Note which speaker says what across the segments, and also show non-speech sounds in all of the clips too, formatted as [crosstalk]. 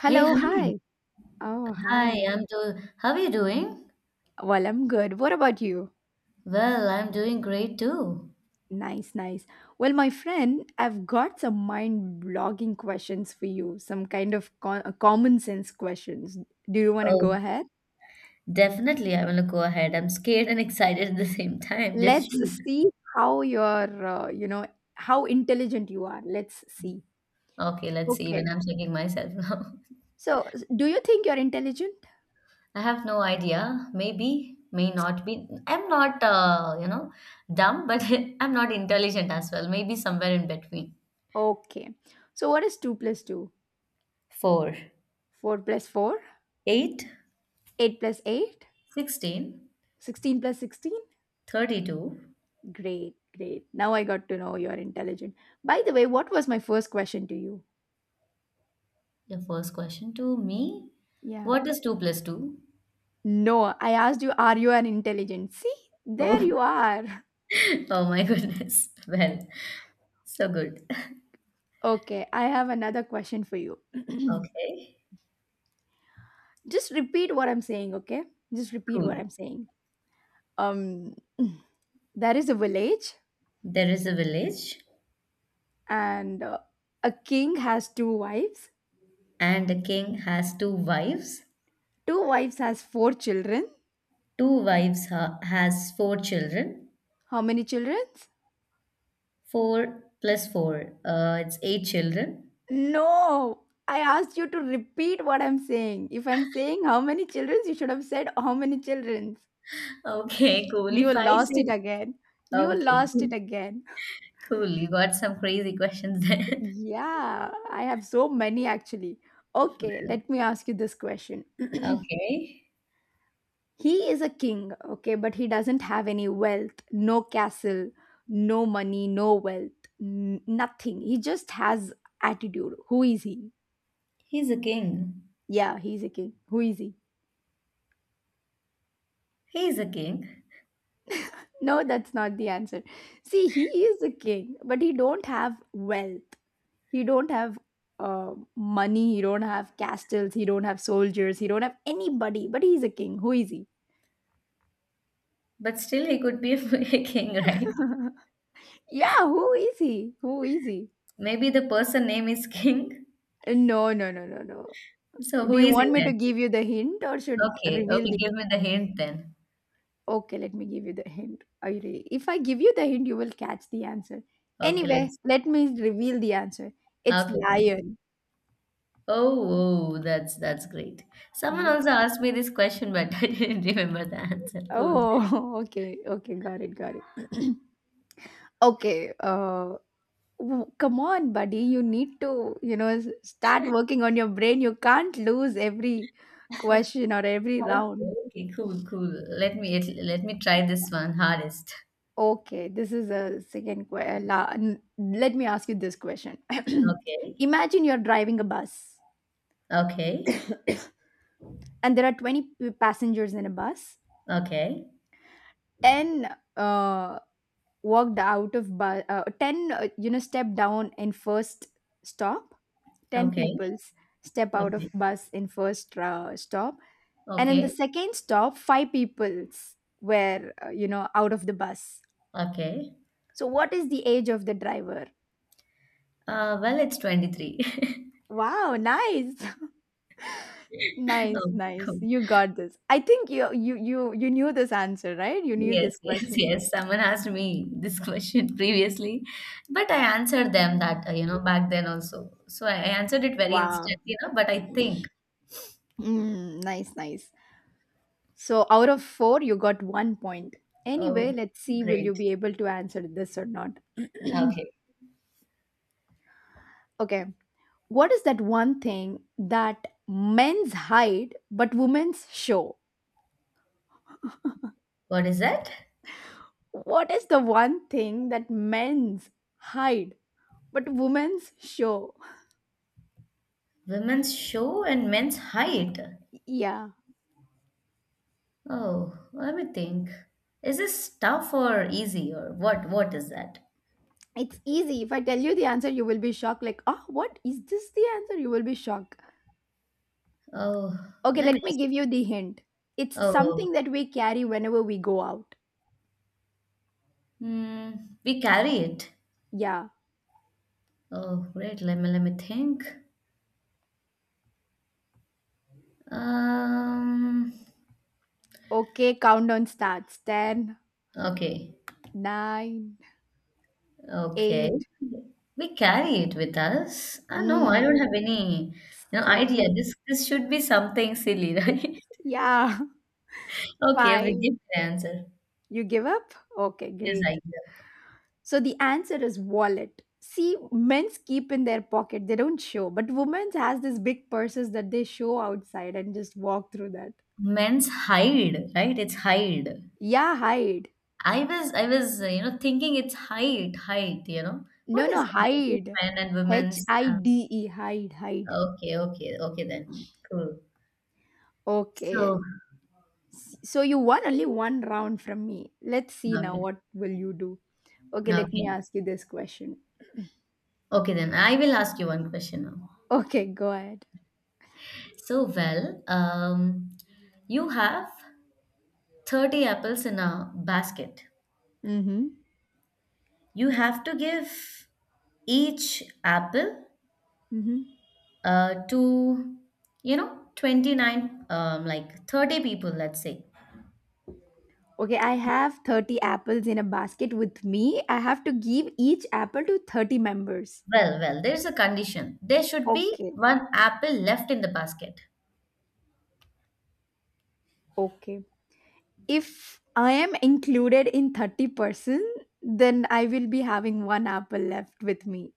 Speaker 1: Hey, hi.
Speaker 2: hi. Oh,
Speaker 1: Hi,
Speaker 2: hi.
Speaker 1: I'm do how are you doing?
Speaker 2: Well, I'm good. What about you?
Speaker 1: Well, I'm doing great too.
Speaker 2: Nice, nice. Well, my friend, I've got some mind blogging questions for you, some kind of common sense questions. Do you want to go
Speaker 1: Oh,
Speaker 2: ahead?
Speaker 1: definitely I want to go ahead. I'm scared and [laughs] excited at the same time. Just shoot.
Speaker 2: Let's see how you're, how intelligent you are. Let's see.
Speaker 1: Okay, let's see. Even
Speaker 2: Okay.
Speaker 1: I'm checking myself now.
Speaker 2: So, do you think you're intelligent?
Speaker 1: [laughs] I have no idea. Maybe, may not be. I'm not, dumb, but [laughs] I'm not intelligent as well. Maybe somewhere in between.
Speaker 2: Okay. So, what is 2 plus 2?
Speaker 1: Four.
Speaker 2: 4 plus 4?
Speaker 1: Sixteen.
Speaker 2: 8 plus 8?
Speaker 1: Thirty two 16.
Speaker 2: 16 plus 16?
Speaker 1: 32
Speaker 2: Great, great. Now I got to know you're intelligent. By the way, what was my first question to you?
Speaker 1: Your first question to me.
Speaker 2: Yeah.
Speaker 1: What is 2 plus 2?
Speaker 2: No, I asked you, are you an intelligent? See, there
Speaker 1: Oh,
Speaker 2: you are. [laughs]
Speaker 1: [laughs] Oh my goodness. [laughs] Well, so good.
Speaker 2: Okay, I have another question for you. [clears throat]
Speaker 1: Okay,
Speaker 2: Just repeat what I'm saying, okay? Just repeat
Speaker 1: cool.
Speaker 2: what I'm saying. Um, [clears throat] there is a village,
Speaker 1: There is a village,
Speaker 2: and a king has two wives.
Speaker 1: and the king has two wives.
Speaker 2: Two wives has four children.
Speaker 1: Two wives has four children.
Speaker 2: How many children?
Speaker 1: Four plus four, it's eight children.
Speaker 2: No, I asked you to repeat what I'm saying. If I'm saying how many children, you should have said how many children.
Speaker 1: Okay, [laughs] cool. If
Speaker 2: You
Speaker 1: I
Speaker 2: lost
Speaker 1: say,
Speaker 2: it again. You
Speaker 1: okay,
Speaker 2: lost it
Speaker 1: cool.
Speaker 2: again.
Speaker 1: Cool. You got some crazy questions there.
Speaker 2: Yeah, I have so many actually. Okay, let me ask you this question. [clears throat]
Speaker 1: [laughs] Okay,
Speaker 2: He is a king, okay, but he doesn't have any wealth, no castle, no money, no wealth, nothing. He just has attitude. Who is he?
Speaker 1: he's a king.
Speaker 2: Yeah, he's a king. Who is he?
Speaker 1: He's a king,
Speaker 2: No, that's not the answer. See, he is a king, but he don't have wealth. He don't have money. He don't have castles. He don't have soldiers. He don't have anybody. But he's a king. Who is he?
Speaker 1: but still he could be [laughs] a king, right?
Speaker 2: Yeah, who is he? Who is he?
Speaker 1: Maybe the person name is King.
Speaker 2: No, no, no, no, no.
Speaker 1: So who
Speaker 2: Do you
Speaker 1: is he?
Speaker 2: want me to give you the hint or should
Speaker 1: Okay,
Speaker 2: reveal
Speaker 1: okay,
Speaker 2: the?
Speaker 1: give me the hint then.
Speaker 2: Okay, let me give you the hint. Are you ready? If I give you the hint, you will catch the answer.
Speaker 1: Okay,
Speaker 2: Anyway,
Speaker 1: let's.
Speaker 2: let me reveal the answer. It's
Speaker 1: Okay then.
Speaker 2: lion.
Speaker 1: Oh, oh, that's great. Someone
Speaker 2: Yes.
Speaker 1: also asked me this question, but [laughs] I didn't remember the answer. Cool.
Speaker 2: Oh, [laughs] okay, okay, got it, got it. [clears throat] Okay, come on, buddy, you need to, start working on your brain. You can't lose every question or every round.
Speaker 1: Okay, okay, cool, cool. Let me try this one hardest.
Speaker 2: Okay, this is a second question. Let me ask you this question. [clears throat]
Speaker 1: Okay,
Speaker 2: Imagine you're driving a bus
Speaker 1: okay,
Speaker 2: and there are 20 passengers in a bus.
Speaker 1: okay,
Speaker 2: Ten uh, walked out of bus, 10, step down in first stop. 10
Speaker 1: okay,
Speaker 2: peoples step out of
Speaker 1: okay,
Speaker 2: bus in first stop, and in the
Speaker 1: okay,
Speaker 2: second stop 5 peoples were out of the bus.
Speaker 1: okay.
Speaker 2: So what is the age of the driver?
Speaker 1: Well, it's 23. [laughs]
Speaker 2: Wow, nice. [laughs]
Speaker 1: Okay,
Speaker 2: Nice, nice,
Speaker 1: cool.
Speaker 2: you got this. I think you knew this answer, right? You knew this
Speaker 1: Yes, [laughs] yes,
Speaker 2: question.
Speaker 1: yes. Someone asked me this question [laughs] previously, but I answered them that,
Speaker 2: Mm.
Speaker 1: back then also. So I answered it very instantly,
Speaker 2: Wow.
Speaker 1: but I think,
Speaker 2: Mm, nice, nice. So out of 4 you got 1 point.
Speaker 1: oh,
Speaker 2: Anyway, let's see, will
Speaker 1: great.
Speaker 2: you be able to answer this or not? [clears throat]
Speaker 1: Okay.
Speaker 2: Okay. What is that one thing that men's hide but women's show?
Speaker 1: What is that?
Speaker 2: What is the one thing that men's hide but women's show?
Speaker 1: Women's show and men's height.
Speaker 2: Yeah,
Speaker 1: Oh, let me think. Is this tough or easy or what? What is that?
Speaker 2: it's easy. If I tell you the answer, you will be shocked. Like, oh, what is this the answer? You will be shocked.
Speaker 1: Oh,
Speaker 2: Okay,
Speaker 1: let me
Speaker 2: let me
Speaker 1: just.
Speaker 2: give you the hint. It's
Speaker 1: Oh,
Speaker 2: something that we carry whenever we go out.
Speaker 1: hmm, we carry it.
Speaker 2: Yeah.
Speaker 1: Oh, great. Let me think. Um.
Speaker 2: Okay, countdown starts. 10,
Speaker 1: Okay,
Speaker 2: nine,
Speaker 1: okay.
Speaker 2: 8,
Speaker 1: We carry it with us. Ah, no, I don't
Speaker 2: mm,
Speaker 1: have any, idea.
Speaker 2: 7,
Speaker 1: This should be something silly, [laughs]
Speaker 2: 6.
Speaker 1: right?
Speaker 2: Yeah.
Speaker 1: Okay, we
Speaker 2: Fine.
Speaker 1: give the answer.
Speaker 2: You give up? Okay,
Speaker 1: Yes, I
Speaker 2: great.
Speaker 1: give.
Speaker 2: So the answer is wallet. See, men's keep in their pocket, they don't show, but women's has this big purses that they show outside and just walk through that.
Speaker 1: Men's hide, right? It's hide.
Speaker 2: Yeah, hide.
Speaker 1: I was thinking it's height, height. What
Speaker 2: No,
Speaker 1: is
Speaker 2: no,
Speaker 1: the height of
Speaker 2: hide.
Speaker 1: men and
Speaker 2: H
Speaker 1: women's?
Speaker 2: I D E, hide, hide.
Speaker 1: Okay, okay, okay then. Cool.
Speaker 2: Okay.
Speaker 1: So
Speaker 2: So you won only one round from me. Let's see now
Speaker 1: okay,
Speaker 2: what will you do. Okay, let
Speaker 1: okay,
Speaker 2: me ask you this question.
Speaker 1: okay then. I will ask you one question now.
Speaker 2: Okay, go ahead.
Speaker 1: So, well, you have 30 apples in a basket.
Speaker 2: Mm-hmm.
Speaker 1: You have to give each apple
Speaker 2: Mm-hmm.
Speaker 1: to, 29, like 30 people, let's say.
Speaker 2: Okay, I have 30 apples in a basket with me. I have to give each apple to 30 members.
Speaker 1: Well, there's a condition. There should be
Speaker 2: Okay.
Speaker 1: one apple left in the basket.
Speaker 2: Okay. If I am included in 30 person, then I will be having one apple left with me.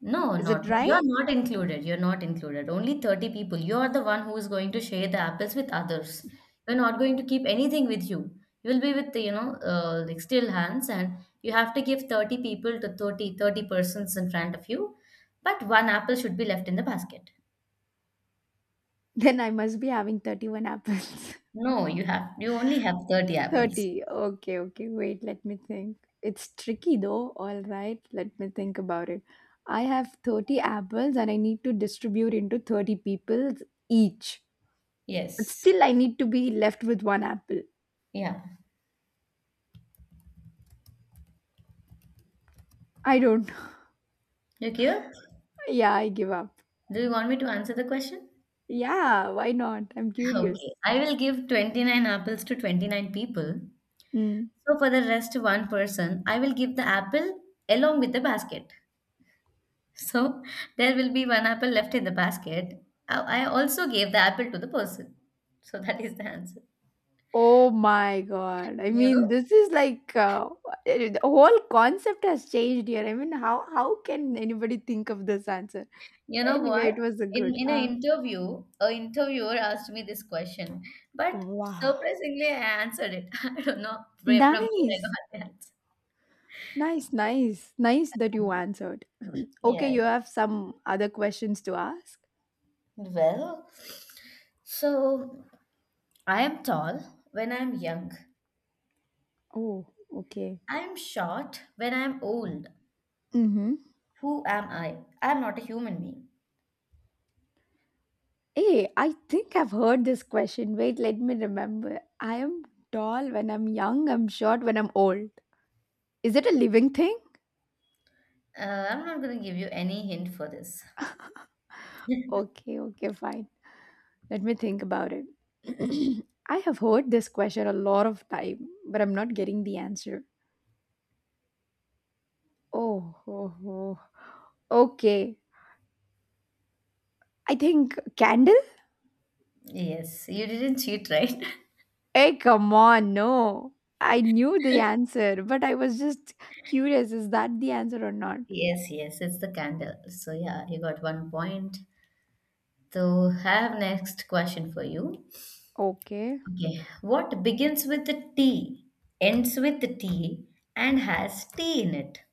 Speaker 1: No,
Speaker 2: Is
Speaker 1: not
Speaker 2: it right?
Speaker 1: you're not included. You're not included. Only 30 people. You're the one who is going to share the apples with others. You are not going to keep anything with you. You will be with, like still hands, and you have to give 30 people to thirty persons in front of you. But one apple should be left in the basket.
Speaker 2: [laughs] Then I must be having 31 apples.
Speaker 1: No, you only have 30
Speaker 2: [laughs]
Speaker 1: apples.
Speaker 2: 30. Okay, okay. Wait, let me think. It's tricky though. All right, let me think about it. I have 30 apples and I need to distribute into 30 people each. But
Speaker 1: Yes.
Speaker 2: still, I need to be left with one apple.
Speaker 1: Yeah.
Speaker 2: I don't know. [laughs]
Speaker 1: You give up?
Speaker 2: Yeah, I give up.
Speaker 1: Do you want me to answer the question? [laughs]
Speaker 2: Yeah, why not? I'm curious.
Speaker 1: Okay. I will give 29 apples to 29 people.
Speaker 2: Hmm.
Speaker 1: So for the rest one person, I will give the apple along with the basket. [laughs] So there will be one apple left in the basket. I also gave the apple to the person. So [laughs] that is the answer.
Speaker 2: Oh my god. I
Speaker 1: You know,
Speaker 2: mean, this is like the whole concept has changed here. I mean, how can anybody think of this answer?
Speaker 1: you know
Speaker 2: Anyway,
Speaker 1: what?
Speaker 2: it was a
Speaker 1: In
Speaker 2: good.
Speaker 1: in an interview, a interviewer asked me this question, but
Speaker 2: Wow.
Speaker 1: surprisingly, I answered it. [laughs] I don't know where from where I
Speaker 2: Nice.
Speaker 1: got the answer.
Speaker 2: Nice, nice. Nice that you answered. [clears throat] Okay,
Speaker 1: Yeah.
Speaker 2: you have some other questions to ask?
Speaker 1: Well, so I am tall when I'm young.
Speaker 2: Oh, okay.
Speaker 1: I'm short when I'm old.
Speaker 2: Mhm.
Speaker 1: Who am I? I'm not a human being.
Speaker 2: Hey, I think I've heard this question. Wait, let me remember. I am tall when I'm young, I'm short when I'm old. Is it a living thing?
Speaker 1: I'm not going to give you any hint for this. [laughs]
Speaker 2: Okay, okay, fine. Let me think about it. [clears throat] I have heard this question a lot of time, but I'm not getting the answer. Oh, oh, oh. Okay. I think candle?
Speaker 1: Yes, you didn't cheat, right? [laughs]
Speaker 2: Hey, come on, no. I knew the answer, but I was just curious, is that the answer or not?
Speaker 1: Yes, yes, it's the candle. So, yeah, you got one point. So, I have next question for you.
Speaker 2: Okay.
Speaker 1: Okay, what begins with the T, ends with the T, and has T in it?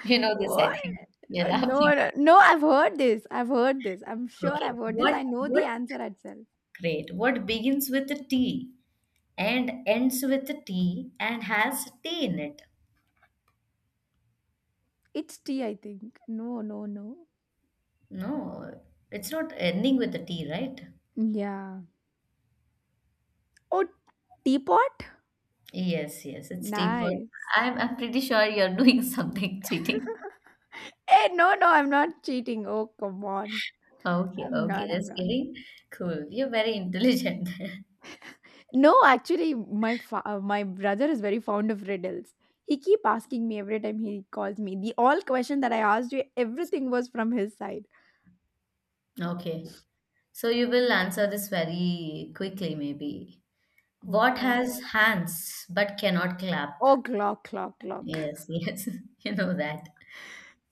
Speaker 1: You know this, I
Speaker 2: What?
Speaker 1: think. You're laughing.
Speaker 2: No, no, no, I've heard this. I've heard this. I'm sure
Speaker 1: Okay,
Speaker 2: I've heard this. I know
Speaker 1: what,
Speaker 2: the answer itself.
Speaker 1: great. What begins with the T and ends with the T and has T in it?
Speaker 2: It's tea, I think. No, no, no.
Speaker 1: No, it's not ending with a T, right?
Speaker 2: Yeah. Oh, teapot?
Speaker 1: Yes, yes, it's T, but
Speaker 2: Nice.
Speaker 1: I'm pretty sure you're doing [laughs] something cheating.
Speaker 2: Hey, no, no, I'm not cheating. Oh, come on.
Speaker 1: Okay, okay,
Speaker 2: I'm
Speaker 1: just
Speaker 2: not.
Speaker 1: kidding. Cool. You're very intelligent. [laughs]
Speaker 2: No, actually, my brother is very fond of riddles. He keep asking me every time he calls me. The all question that I asked you, everything was from his side.
Speaker 1: Okay. So you will answer this very quickly, maybe. What
Speaker 2: Okay.
Speaker 1: has hands but cannot clap?
Speaker 2: Oh, clock, clock, clock.
Speaker 1: Yes, [laughs] yes, you know that.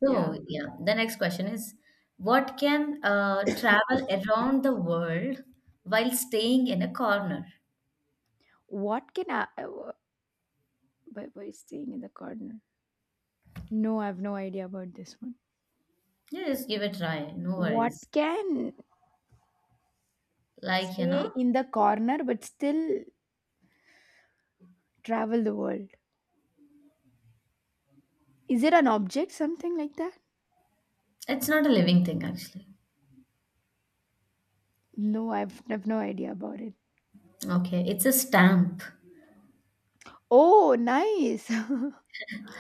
Speaker 2: Yeah.
Speaker 1: So, yeah, the next question is what can travel around the world while staying in a corner?
Speaker 2: What can I? By staying in the corner. No, I have no idea about this one.
Speaker 1: Yeah, just give it a try. No
Speaker 2: What
Speaker 1: worries.
Speaker 2: can
Speaker 1: Like,
Speaker 2: stay in the corner but still travel the world? Is it an object, something like that?
Speaker 1: it's not a living thing actually.
Speaker 2: No, I've no idea about it.
Speaker 1: Okay, it's a stamp. [laughs]
Speaker 2: Oh, nice.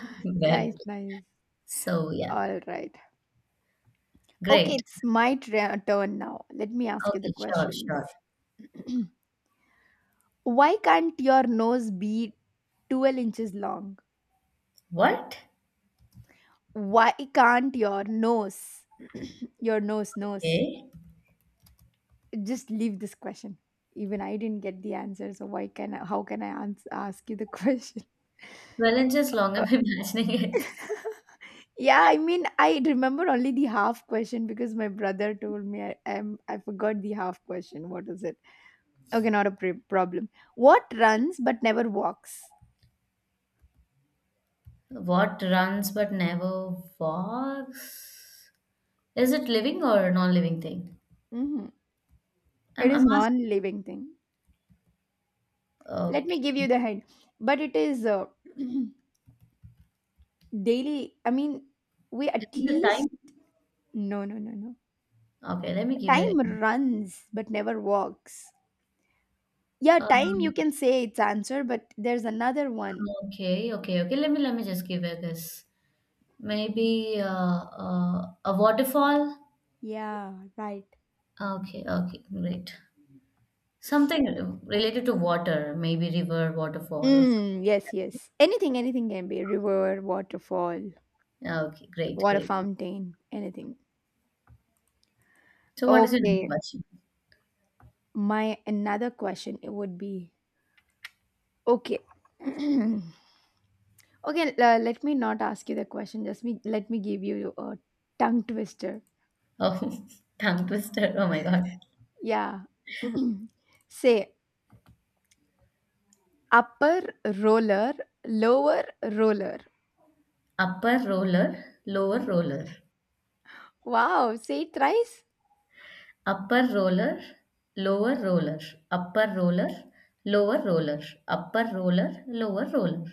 Speaker 2: [laughs]
Speaker 1: Well,
Speaker 2: Nice, nice.
Speaker 1: so yeah,
Speaker 2: All right. Okay,
Speaker 1: great.
Speaker 2: it's my turn now. Let me ask you the
Speaker 1: Okay, sure,
Speaker 2: questions.
Speaker 1: sure.
Speaker 2: [clears throat] Why can't your nose be 12 inches long?
Speaker 1: What?
Speaker 2: Why can't your nose, your nose, nose,
Speaker 1: Okay.
Speaker 2: just leave this question. Even I didn't get the answer, so how can I ask you the [laughs] question?
Speaker 1: Well, it's just long I'm [laughs] imagining it.
Speaker 2: Yeah, I mean, I remember only the half question because my brother told me. I forgot the half question. What is it? Okay, not a problem. What runs but never walks?
Speaker 1: What runs but never walks? Is it living or non-living thing?
Speaker 2: Hmm.
Speaker 1: I'm,
Speaker 2: It
Speaker 1: I'm
Speaker 2: is
Speaker 1: asking.
Speaker 2: non-living thing. Let
Speaker 1: Okay.
Speaker 2: me give you the hint. But it is [clears throat] daily, I mean, we
Speaker 1: Is
Speaker 2: at
Speaker 1: it the time?
Speaker 2: least. No, no, no, no.
Speaker 1: Okay, let me give it.
Speaker 2: Time runs but never walks. Yeah, time you
Speaker 1: Um,
Speaker 2: can say its answer, but there's another one.
Speaker 1: okay, okay, okay. Let me just give it this. Maybe a waterfall?
Speaker 2: Yeah, right.
Speaker 1: Okay, okay, great. Something related to water, maybe river, waterfall, or.
Speaker 2: Mm, yes, yes. Anything, anything can be river, waterfall,
Speaker 1: Okay, great,
Speaker 2: water
Speaker 1: great.
Speaker 2: fountain, anything.
Speaker 1: So, what is your next
Speaker 2: Okay.
Speaker 1: question?
Speaker 2: My another question it would be okay. [clears throat] Okay, let me not ask you the question. Let me give you a tongue twister.
Speaker 1: Oh, [laughs] tongue twister. Oh my God.
Speaker 2: Yeah. [clears throat] Say upper roller, lower roller.
Speaker 1: Upper roller, lower roller.
Speaker 2: Wow, say it thrice.
Speaker 1: Upper roller, lower roller. Upper roller, lower roller. Upper roller, lower roller.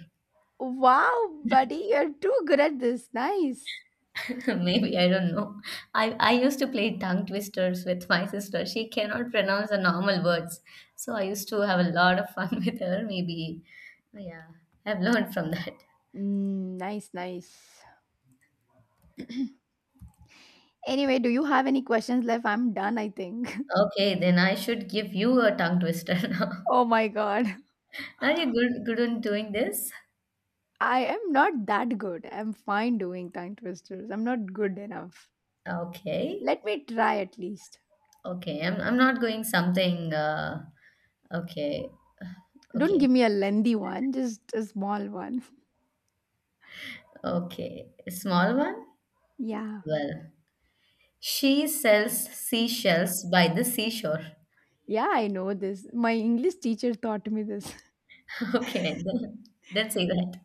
Speaker 2: Wow, buddy, you're too good at this. Nice.
Speaker 1: [laughs] Maybe, I don't know. I used to play tongue twisters with my sister. She cannot pronounce the normal words. So I used to have a lot of fun [laughs] with her. Maybe, yeah, I've learned from that.
Speaker 2: Mm, nice, nice. Anyway, do you have any questions left? I'm done, I think. [laughs]
Speaker 1: Okay, then I should give you a tongue twister [laughs] now.
Speaker 2: Oh my god.
Speaker 1: Are you good on doing this?
Speaker 2: I am not that good. I'm fine doing tongue twisters. I'm not good enough.
Speaker 1: Okay.
Speaker 2: Let me try at least.
Speaker 1: Okay, I'm not going something. Okay,
Speaker 2: Don't
Speaker 1: okay,
Speaker 2: give me a lengthy one, just a small one.
Speaker 1: okay. Small one?
Speaker 2: [laughs] Yeah.
Speaker 1: Well, she sells seashells by the seashore.
Speaker 2: Yeah, I know this. My English teacher taught me this.
Speaker 1: Okay, then, say that.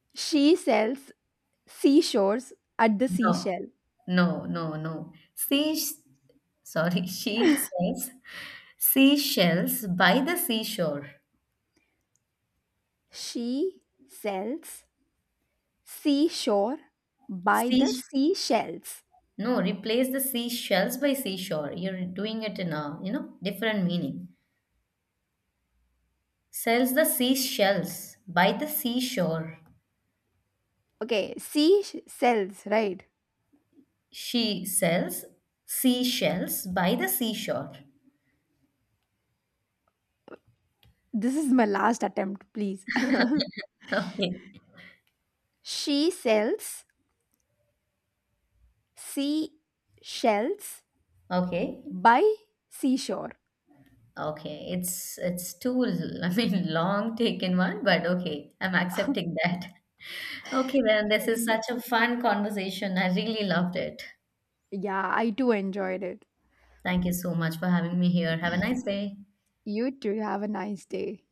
Speaker 2: [laughs] She sells seashores at the
Speaker 1: No,
Speaker 2: seashell.
Speaker 1: no, no, no. She says seashells by the seashore.
Speaker 2: She sells seashore by
Speaker 1: Sea,
Speaker 2: the seashells.
Speaker 1: no, replace the seashells by seashore. You're doing it in a, different meaning. Sells the seashells by the seashore.
Speaker 2: Okay, seashells, right?
Speaker 1: She sells seashells by the seashore. [laughs]
Speaker 2: This is my last attempt, please. [laughs]
Speaker 1: Okay,
Speaker 2: She sells seashells
Speaker 1: okay.
Speaker 2: by seashore.
Speaker 1: Okay, it's too [laughs] I mean long taken one, but okay, I'm accepting that. [laughs] Okay, then this is
Speaker 2: And
Speaker 1: such a fun conversation. I really loved it.
Speaker 2: yeah, I too enjoyed it.
Speaker 1: Thank you so much for having me here. Have a nice day.
Speaker 2: You too have a nice day.